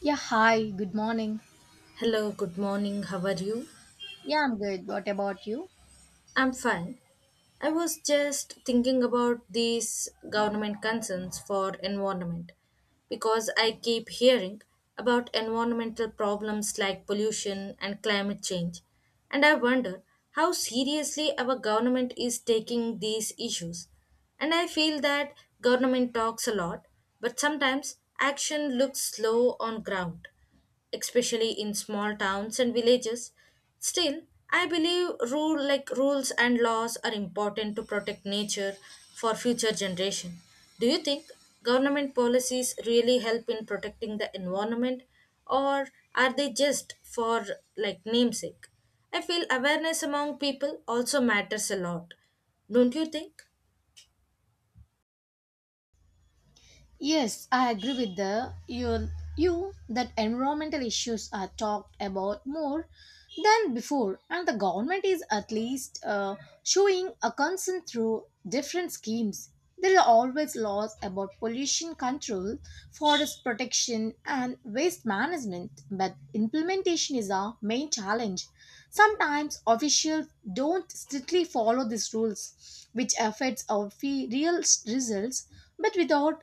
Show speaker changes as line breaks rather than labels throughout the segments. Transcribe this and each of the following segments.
Yeah, hi, good morning.
Hello, good morning. How are you?
Yeah, I'm good. What about you?
I'm fine. I was just thinking about these government concerns for environment because I keep hearing about environmental problems like pollution and climate change. And I wonder how seriously our government is taking these issues. And I feel that government talks a lot, but sometimes action looks slow on ground especially in small towns and villages. Still, I believe rules and laws are important to protect nature for future generation. Do you think government policies really help in protecting the environment or are they just for like namesake? I feel awareness among people also matters a lot. Don't you think?
Yes, I agree with the you you that environmental issues are talked about more than before, and the government is at least showing a concern through different schemes. There are always laws about pollution control, forest protection, and waste management, but implementation is our main challenge. Sometimes officials don't strictly follow these rules, which affects our results, but without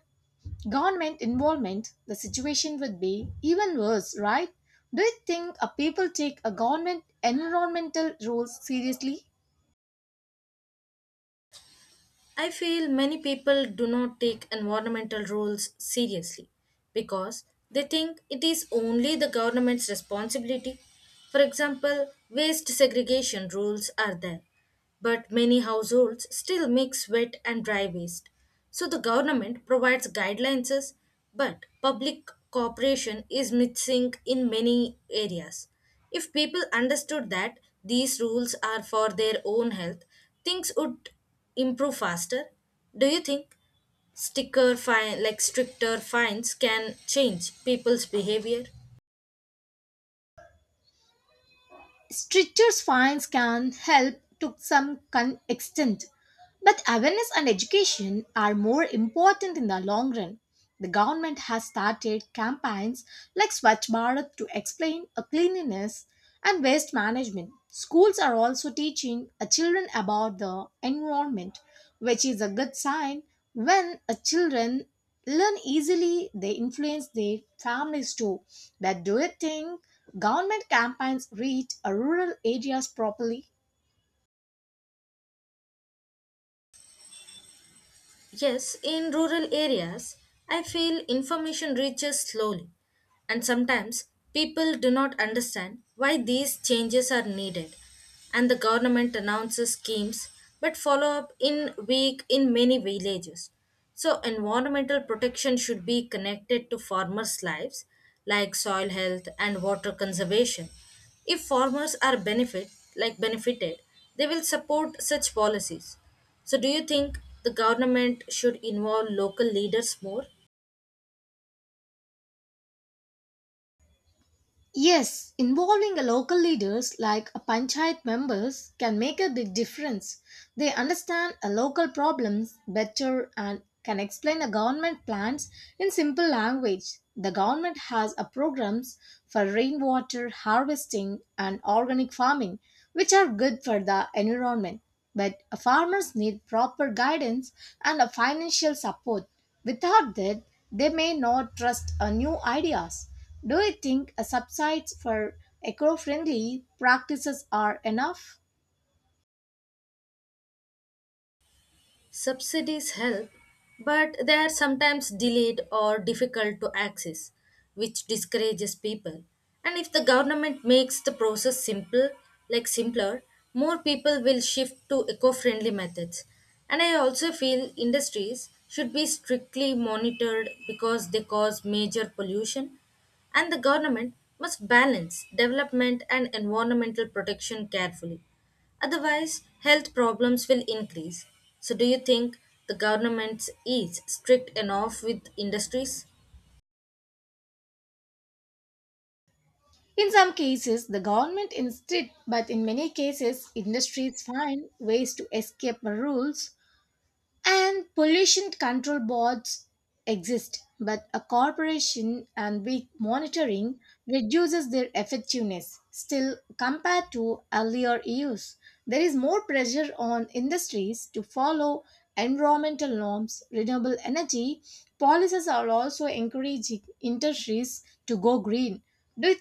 government involvement, the situation would be even worse, right? Do you think people take a government environmental rules seriously?
I feel many people do not take environmental rules seriously because they think it is only the government's responsibility. For example, waste segregation rules are there, but many households still mix wet and dry waste. So the government provides guidelines, but public cooperation is missing in many areas. If people understood that these rules are for their own health, things would improve faster? Do you think sticker fine like stricter fines can change people's behavior?
Stricter fines can help to some extent, but awareness and education are more important in the long run. The government has started campaigns like Swachh Bharat to explain a cleanliness and waste management. Schools are also teaching a children about the environment, which is a good sign. When a children learn easily, they influence their families too. But do you think government campaigns reach a rural areas properly?
Yes, in rural areas, I feel information reaches slowly, and sometimes people do not understand why these changes are needed. And the government announces schemes but follow up in weak in many villages. So, environmental protection should be connected to farmers' lives, like soil health and water conservation. If farmers are benefited, they will support such policies. So, do you think the government should involve local leaders more?
Yes, involving a local leaders like a panchayat members can make a big difference. They understand a local problems better and can explain the government plans in simple language. The government has a programs for rainwater harvesting and organic farming, which are good for the environment. But farmers need proper guidance and a financial support. Without that, they may not trust new ideas. Do you think a subsides for eco-friendly practices are enough?
Subsidies help, but they are sometimes delayed or difficult to access, which discourages people. And if the government makes the process simpler, more people will shift to eco-friendly methods. And I also feel industries should be strictly monitored because they cause major pollution. And the government must balance development and environmental protection carefully. Otherwise, health problems will increase. So, do you think the government is strict enough with industries?
In some cases, the government insists, but in many cases, industries find ways to escape the rules, and pollution control boards exist, but a corporation and weak monitoring reduces their effectiveness. Still, compared to earlier years, there is more pressure on industries to follow environmental norms. Renewable energy policies are also encouraging industries to go green. Do you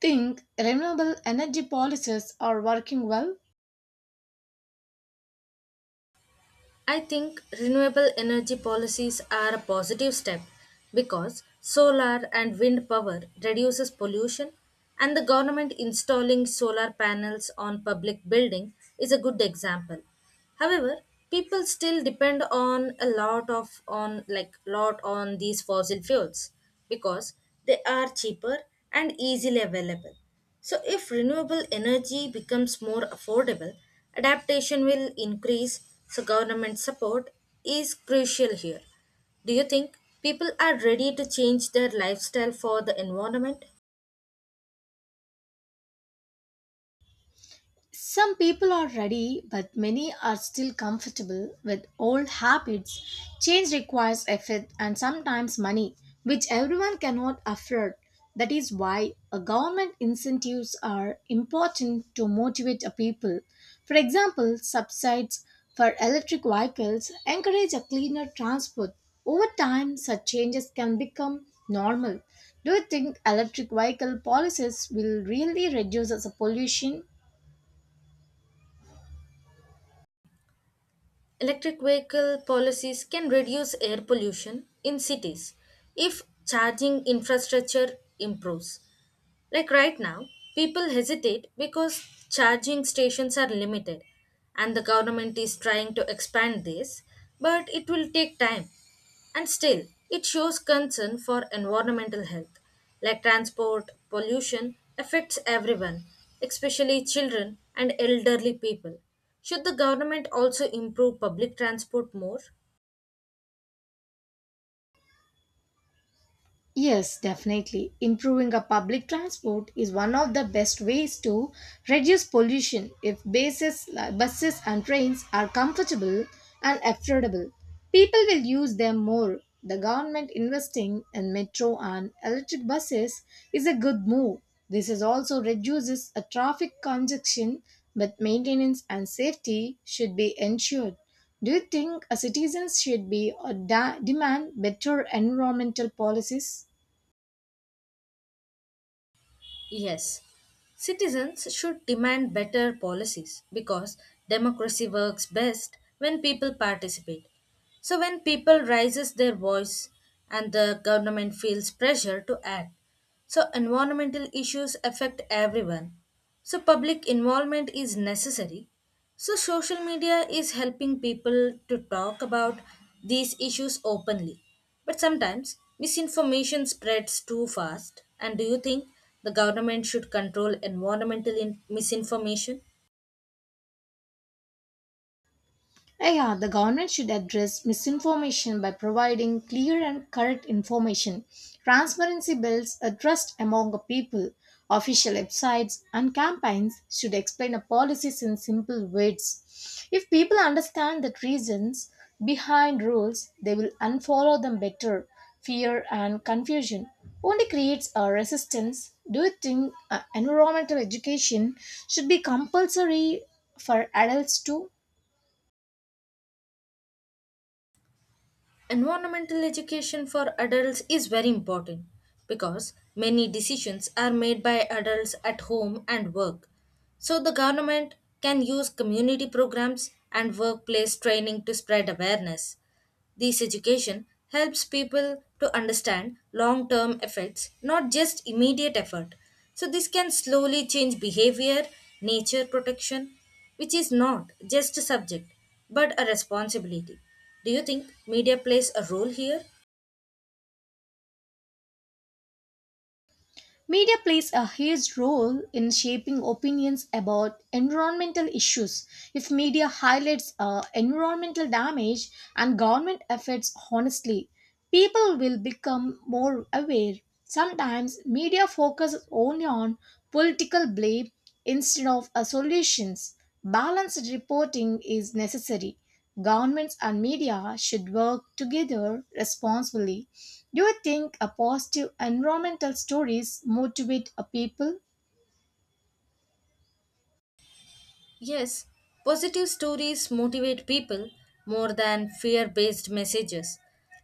think renewable energy policies are working well?
I think renewable energy policies are a positive step because solar and wind power reduces pollution and the government installing solar panels on public building is a good example. However, people still depend on a lot of on like lot on these fossil fuels because they are cheaper and easily available. So, if renewable energy becomes more affordable, adaptation will increase, so, government support is crucial here. Do you think people are ready to change their lifestyle for the environment?
Some people are ready, but many are still comfortable with old habits. Change requires effort and sometimes money, which everyone cannot afford. That is why government incentives are important to motivate a people. For example, subsides for electric vehicles encourage a cleaner transport. Over time, such changes can become normal. Do you think electric vehicle policies will really reduce the pollution?
Electric vehicle policies can reduce air pollution in cities if charging infrastructure improves. Like right now, people hesitate because charging stations are limited and the government is trying to expand this, but it will take time. And still, it shows concern for environmental health, like transport, pollution affects everyone, especially children and elderly people. Should the government also improve public transport more?
Yes, definitely. Improving a public transport is one of the best ways to reduce pollution if bases, like buses and trains are comfortable and affordable. People will use them more. The government investing in metro and electric buses is a good move. This is also reduces a traffic congestion, but maintenance and safety should be ensured. Do you think a citizens should be or demand better environmental policies?
Yes, citizens should demand better policies because democracy works best when people participate. So when people raises their voice and the government feels pressure to act. So environmental issues affect everyone so, public involvement is necessary. So, social media is helping people to talk about these issues openly. But sometimes misinformation spreads too fast. And do you think the government should control misinformation?
Yeah, the government should address misinformation by providing clear and correct information. Transparency builds a trust among the people. Official websites and campaigns should explain a policies in simple words. If people understand the reasons behind rules, they will unfollow them better. Fear and confusion only creates a resistance. Do you think environmental education should be compulsory for adults too?
Environmental education for adults is very important because many decisions are made by adults at home and work. So, the government can use community programs and workplace training to spread awareness. This education helps people to understand long term effects, not just immediate effort. So, this can slowly change behavior, nature protection, which is not just a subject but a responsibility. Do you think media plays a role here?
Media plays a huge role in shaping opinions about environmental issues. If media highlights environmental damage and government efforts honestly, people will become more aware. Sometimes media focuses only on political blame instead of solutions. Balanced reporting is necessary. Governments and media should work together responsibly. Do you think a positive environmental stories motivate a people?
Yes, positive stories motivate people more than fear based messages.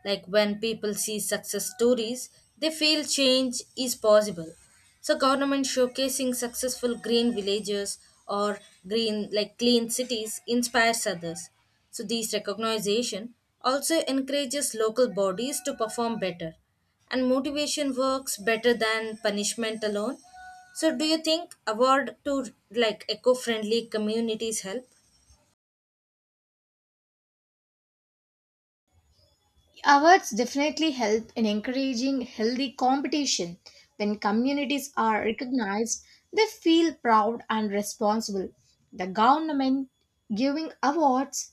Like when people see success stories, they feel change is possible. So, government showcasing successful green villages or green, like clean cities, inspires others. So, this recognition also encourages local bodies to perform better. And motivation works better than punishment alone, so do you think award to like eco-friendly communities help?
Awards definitely help in encouraging healthy competition. When communities are recognized, they feel proud and responsible. The government giving awards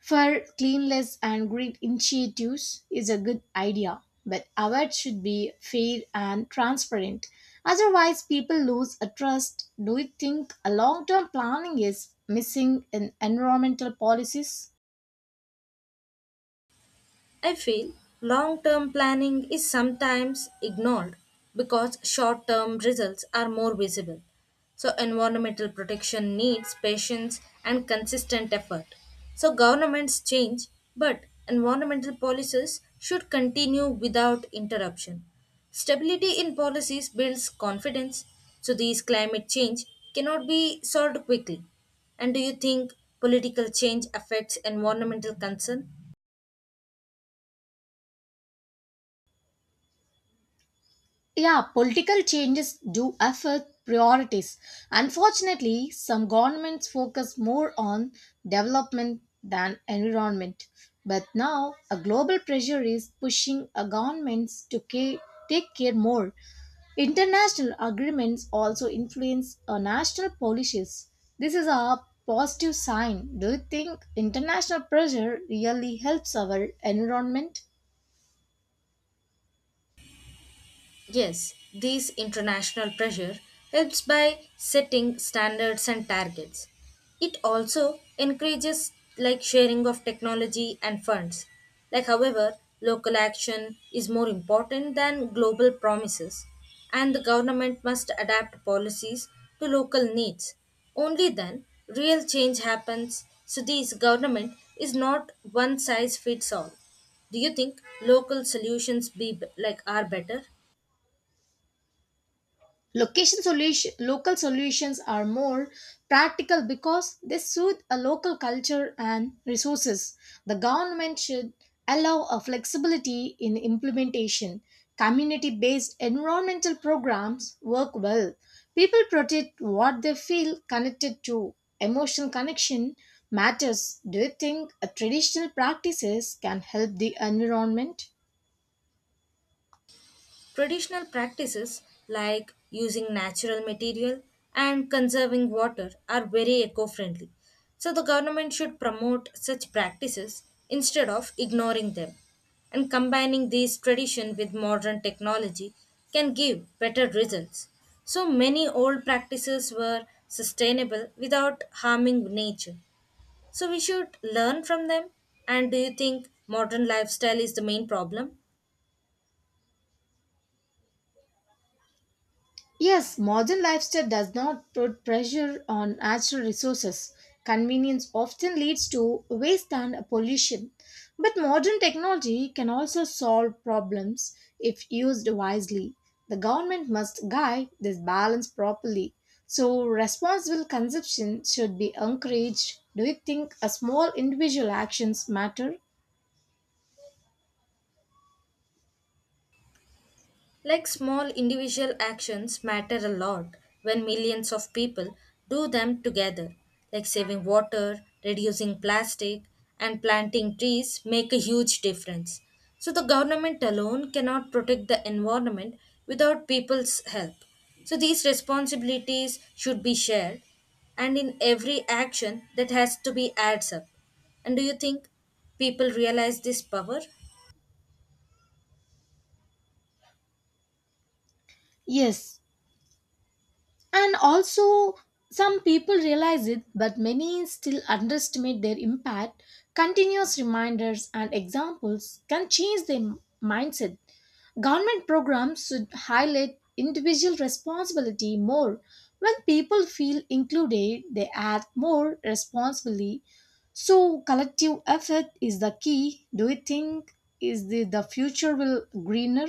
for cleanliness and green initiatives is a good idea, but awards should be fair and transparent. Otherwise, people lose a trust. Do you think a long term planning is missing in environmental policies?
I feel long term planning is sometimes ignored because short term results are more visible. So, environmental protection needs patience and consistent effort. So, governments change, but environmental policies should continue without interruption. Stability in policies builds confidence, so, these climate change cannot be solved quickly. And do you think political change affects environmental concern?
Yeah, political changes do affect priorities. Unfortunately, some governments focus more on development than environment. But now, a global pressure is pushing governments to take care more. International agreements also influence national policies. This is a positive sign. Do you think international pressure really helps our environment?
Yes, this international pressure helps by setting standards and targets. It also encourages like sharing of technology and funds. Like however, local action is more important than global promises and the government must adapt policies to local needs. Only then real change happens. So this government is not one size fits all. Do you think local solutions be like are better?
Local solutions are more practical because they suit a local culture and resources. The government should allow a flexibility in implementation. Community based environmental programs work well. People protect what they feel connected to. Emotional connection matters. Do you think traditional practices can help the environment?
Traditional practices like using natural material and conserving water are very eco friendly. So, the government should promote such practices instead of ignoring them. And combining these tradition with modern technology can give better results. So, many old practices were sustainable without harming nature. So, we should learn from them. And do you think modern lifestyle is the main problem?
Yes, modern lifestyle does not put pressure on natural resources. Convenience often leads to waste and pollution. But modern technology can also solve problems if used wisely. The government must guide this balance properly. So, responsible consumption should be encouraged. Do you think a small individual actions matter?
Like small individual actions matter a lot when millions of people do them together. Like saving water, reducing plastic, and planting trees make a huge difference. So the government alone cannot protect the environment without people's help. So these responsibilities should be shared and in every action that has to be adds up. And do you think people realize this power?
Yes, and also, some people realize it, but many still underestimate their impact. Continuous reminders and examples can change their mindset. Government programs should highlight individual responsibility more. When people feel included, they act more responsibly. So, collective effort is the key. Do you think is the future will greener?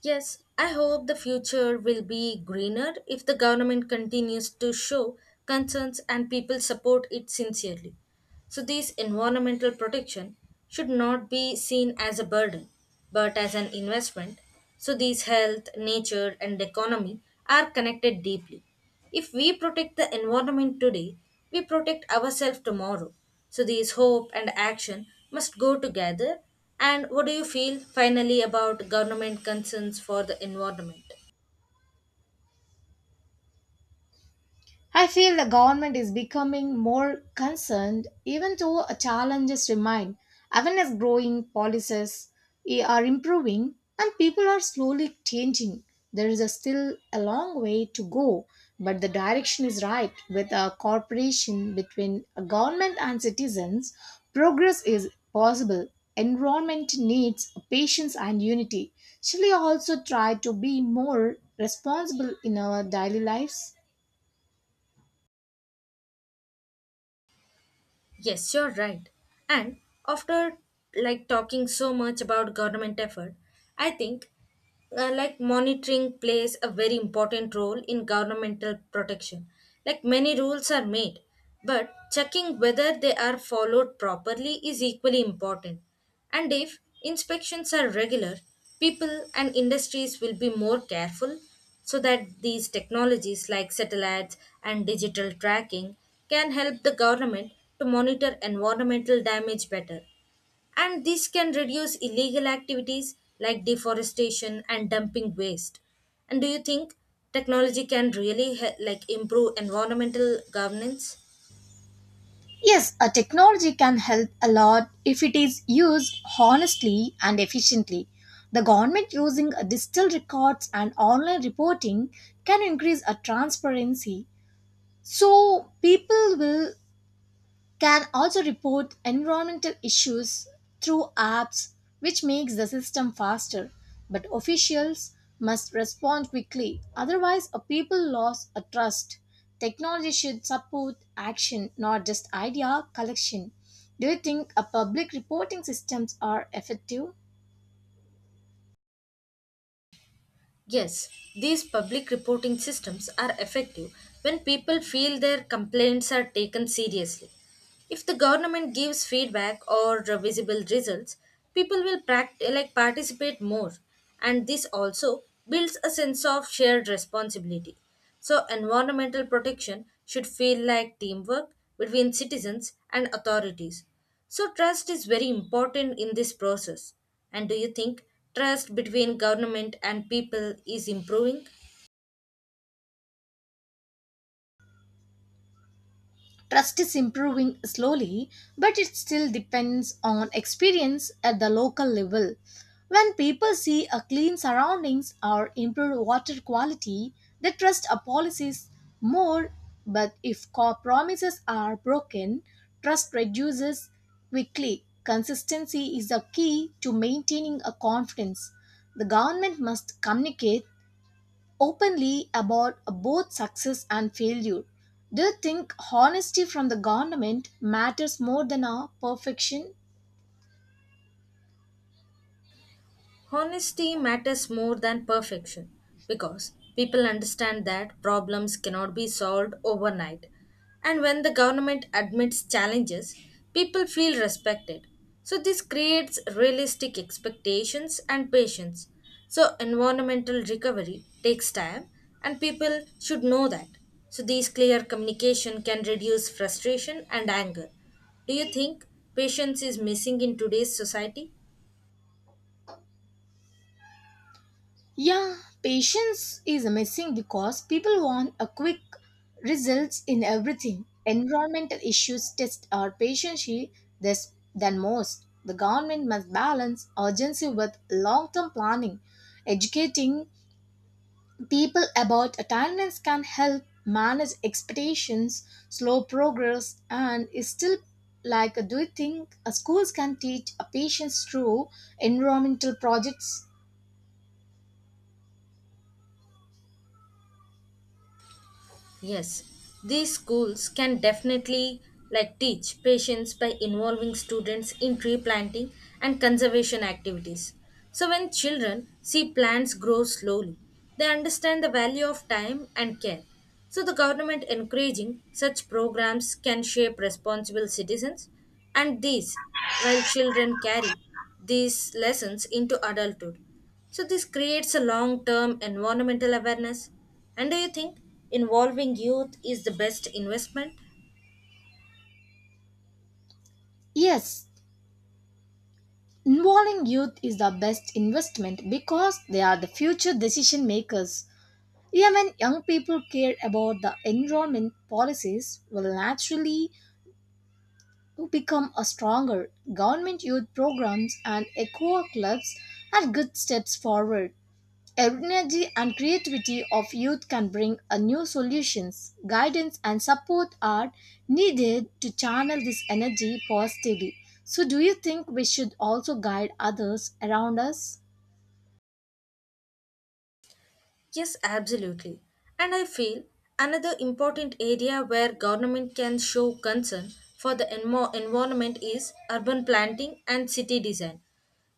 Yes, I hope the future will be greener if the government continues to show concerns and people support it sincerely. So, this environmental protection should not be seen as a burden but as an investment. So, these health, nature, and economy are connected deeply. If we protect the environment today, we protect ourselves tomorrow. So these hope and action must go together. And what do you feel finally about government concerns for the environment?
I feel the government is becoming more concerned, even though challenges remain. Awareness growing, policies are improving, and people are slowly changing. There is a still a long way to go, but the direction is right. With a cooperation between a government and citizens, progress is possible. Environment needs patience and unity. Shall we also try to be more responsible in our daily lives?
Yes, you're right. And after like talking so much about government effort, I think like monitoring plays a very important role in governmental protection. Like many rules are made, but checking whether they are followed properly is equally important. And if inspections are regular, people and industries will be more careful so that these technologies like satellites and digital tracking can help the government to monitor environmental damage better. And this can reduce illegal activities like deforestation and dumping waste. And do you think technology can really improve environmental governance?
Yes, a technology can help a lot if it is used honestly and efficiently. The government using digital records and online reporting can increase a transparency, so people will can also report environmental issues through apps, which makes the system faster, but officials must respond quickly, otherwise a people lose a trust. Technology should support action, not just idea collection. Do you think a public reporting systems are effective?
Yes, these public reporting systems are effective when people feel their complaints are taken seriously. If the government gives feedback or visible results, people will participate more, and this also builds a sense of shared responsibility. So, environmental protection should feel like teamwork between citizens and authorities. So, trust is very important in this process. And do you think trust between government and people is improving?
Trust is improving slowly, but it still depends on experience at the local level. When people see a clean surroundings or improved water quality, they trust a policies more. But if promises are broken, trust reduces quickly. Consistency is the key to maintaining a confidence. The government must communicate openly about both success and failure. Do you think honesty from the government matters more than our perfection?
Honesty matters more than perfection because people understand that problems cannot be solved overnight. And when the government admits challenges, people feel respected. So, this creates realistic expectations and patience. So, environmental recovery takes time, and people should know that. So, these clear communication can reduce frustration and anger. Do you think patience is missing in today's society?
Yeah, patience is missing because people want a quick results in everything. Environmental issues test our patience less than most. The government must balance urgency with long-term planning, educating people about attendance can help manage expectations, slow progress, and is still like do you think schools can teach a patients through environmental projects?
Yes, these schools can definitely like teach patience by involving students in tree planting and conservation activities. So when children see plants grow slowly, they understand the value of time and care. So the government encouraging such programs can shape responsible citizens and these while children carry these lessons into adulthood. So this creates a long-term environmental awareness. And do you think involving youth is the best investment?
Yes, involving youth is the best investment because they are the future decision makers. Even young people care about the environment policies will naturally become a stronger. Government youth programs and eco clubs are good steps forward. Energy and creativity of youth can bring a new solutions, guidance and support are needed to channel this energy positively. So do you think we should also guide others around us?
Yes, absolutely. And I feel another important area where government can show concern for the environment is urban planting and city design.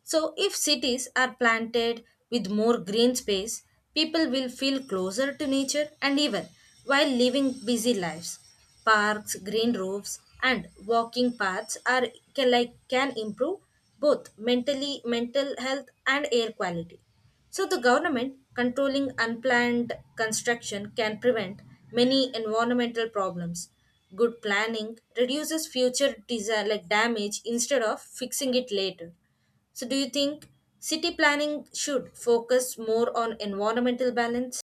So, if cities are planted with more green space, people will feel closer to nature and even while living busy lives. Parks, green roofs, and walking paths are can improve both mental health and air quality. So the government controlling unplanned construction can prevent many environmental problems. Good planning reduces future damage instead of fixing it later. So, do you think city planning should focus more on environmental balance?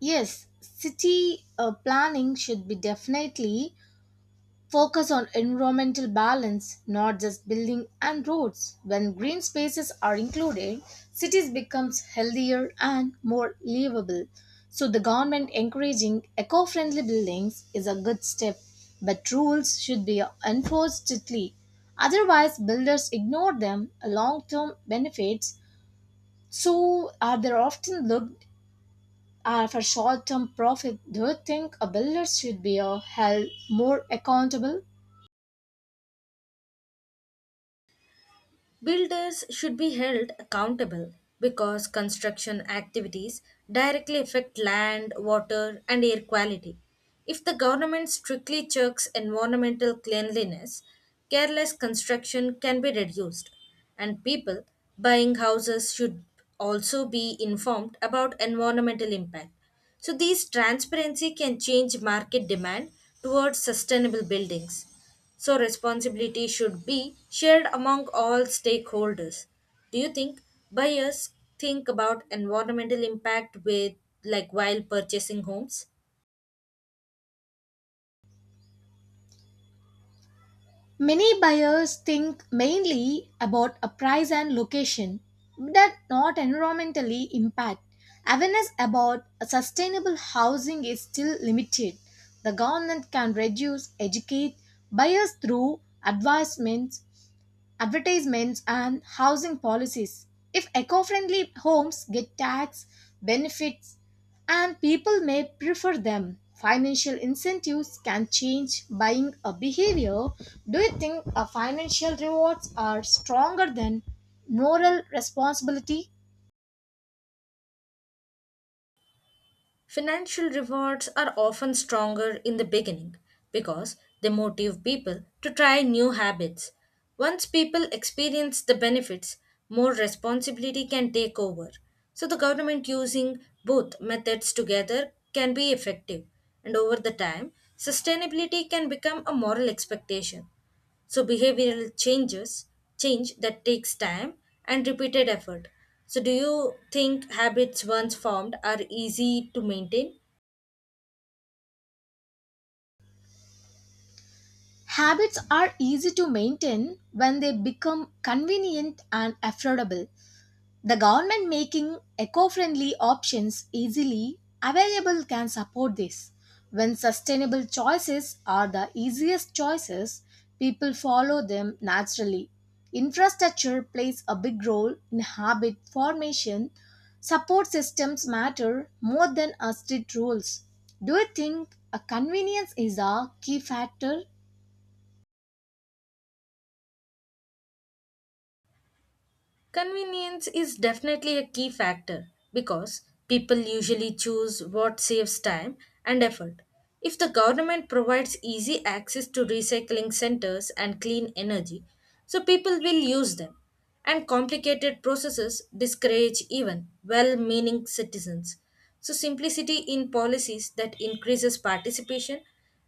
Yes, city planning should be definitely focus on environmental balance, not just building and roads. When green spaces are included, cities becomes healthier and more livable. So the government encouraging eco-friendly buildings is a good step, but rules should be enforced strictly. Otherwise, builders ignore them long-term benefits, so are they often looked for short-term profit. Do you think a builder should be held more accountable?
Builders should be held accountable because construction activities directly affect land, water, and air quality. If the government strictly checks environmental cleanliness, careless construction can be reduced, and people buying houses should also be informed about environmental impact. So, these transparency can change market demand towards sustainable buildings. So, responsibility should be shared among all stakeholders. Do you think buyers think about environmental impact with like while purchasing homes?
Many buyers think mainly about a price and location, but not environmentally impact. Awareness about sustainable housing is still limited. The government can reduce, educate buyers through advertisements and housing policies. If eco-friendly homes get tax benefits and people may prefer them, financial incentives can change buying a behavior. Do you think a financial rewards are stronger than moral responsibility?
Financial rewards are often stronger in the beginning because they motivate people to try new habits. Once people experience the benefits, more responsibility can take over. So, the government using both methods together can be effective, and over the time, sustainability can become a moral expectation. So behavioral change that takes time and repeated effort. So do you think habits once formed are easy to maintain?
Habits are easy to maintain when they become convenient and affordable. The government making eco friendly options easily available can support this. When sustainable choices are the easiest choices, people follow them naturally. Infrastructure plays a big role in habit formation. Support systems matter more than a strict rules. Do you think a convenience is a key factor?
Convenience is definitely a key factor because people usually choose what saves time and effort. If the government provides easy access to recycling centers and clean energy, so people will use them. And complicated processes discourage even well meaning citizens. So, simplicity in policies that increases participation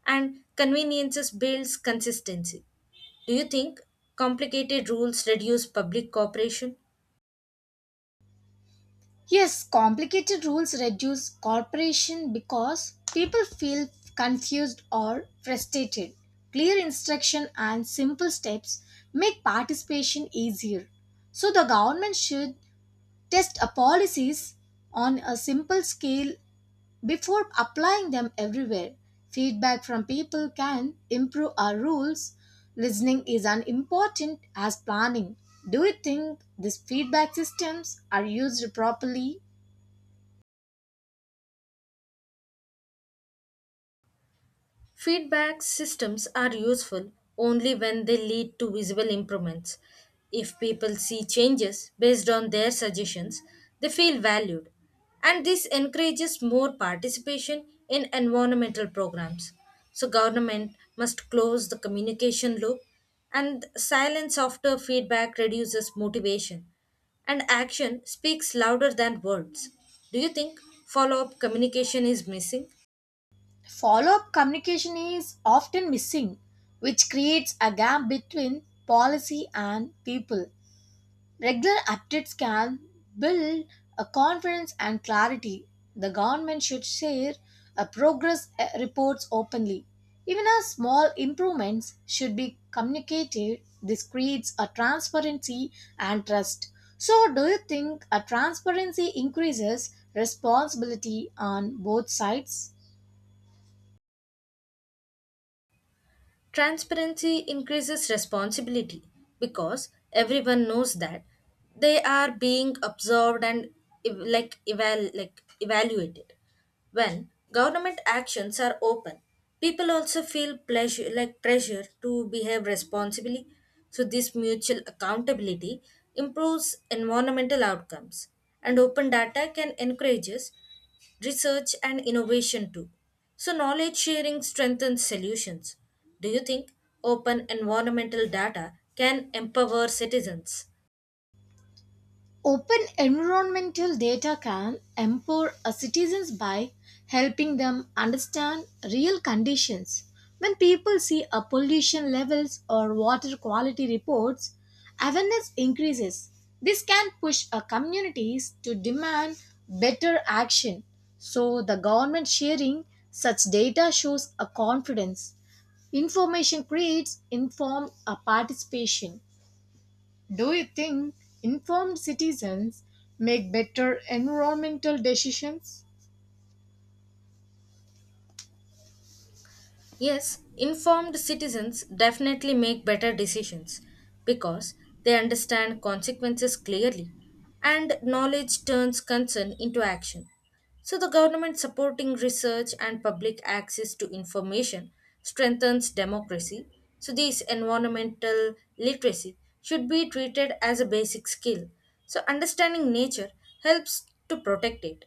and conveniences builds consistency. Do you think complicated rules reduce public cooperation?
Yes, complicated rules reduce cooperation because people feel confused or frustrated. Clear instruction and simple steps make participation easier. So the government should test a policies on a simple scale before applying them everywhere. Feedback from people can improve our rules. Listening is as important as planning. Do you think these feedback systems are used properly?
Feedback systems are useful only when they lead to visible improvements. If people see changes based on their suggestions, they feel valued, and this encourages more participation in environmental programs. So, government must close the communication loop, and silence after feedback reduces motivation, and action speaks louder than words. Do you think follow up communication is missing?
Follow up communication is often missing, which creates a gap between policy and people. Regular updates can build a confidence and clarity. The government should share a progress reports openly. Even a small improvements should be communicated. This creates a transparency and trust. So, do you think a transparency increases responsibility on both sides?
Transparency increases responsibility because everyone knows that they are being observed and evaluated. When government actions are open, people also feel pleasure like pressure to behave responsibly. So this mutual accountability improves environmental outcomes and open data can encourage us research and innovation too. So knowledge sharing strengthens solutions. Do you think open environmental data can empower citizens?
Open environmental data can empower a citizens by helping them understand real conditions. When people see a pollution levels or water quality reports, awareness increases. This can push a communities to demand better action. So the government sharing such data shows a confidence. Information creates informed participation. Do you think informed citizens make better environmental decisions?
Yes, informed citizens definitely make better decisions because they understand consequences clearly and knowledge turns concern into action. So, the government supporting research and public access to information strengthens democracy. So, this environmental literacy should be treated as a basic skill. So, understanding nature helps to protect it.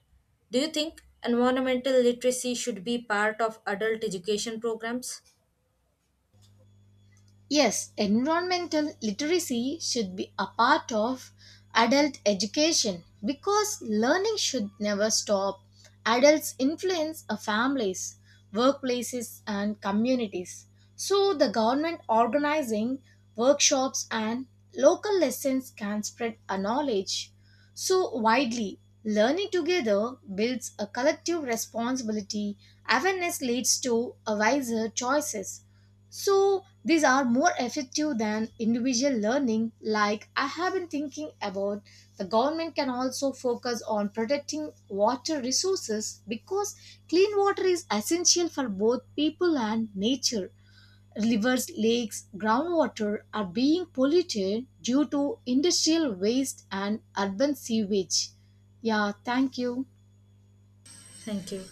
Do you think environmental literacy should be part of adult education programs?
Yes, environmental literacy should be a part of adult education because learning should never stop. Adults influence our families, workplaces, and communities. So, the government organizing workshops and local lessons can spread a knowledge so widely. Learning together builds a collective responsibility. Awareness leads to a wiser choices. So these are more effective than individual learning. Like I have been thinking about, the government can also focus on protecting water resources because clean water is essential for both people and nature. Rivers, lakes, groundwater are being polluted due to industrial waste and urban sewage. Yeah, thank you.
Thank you.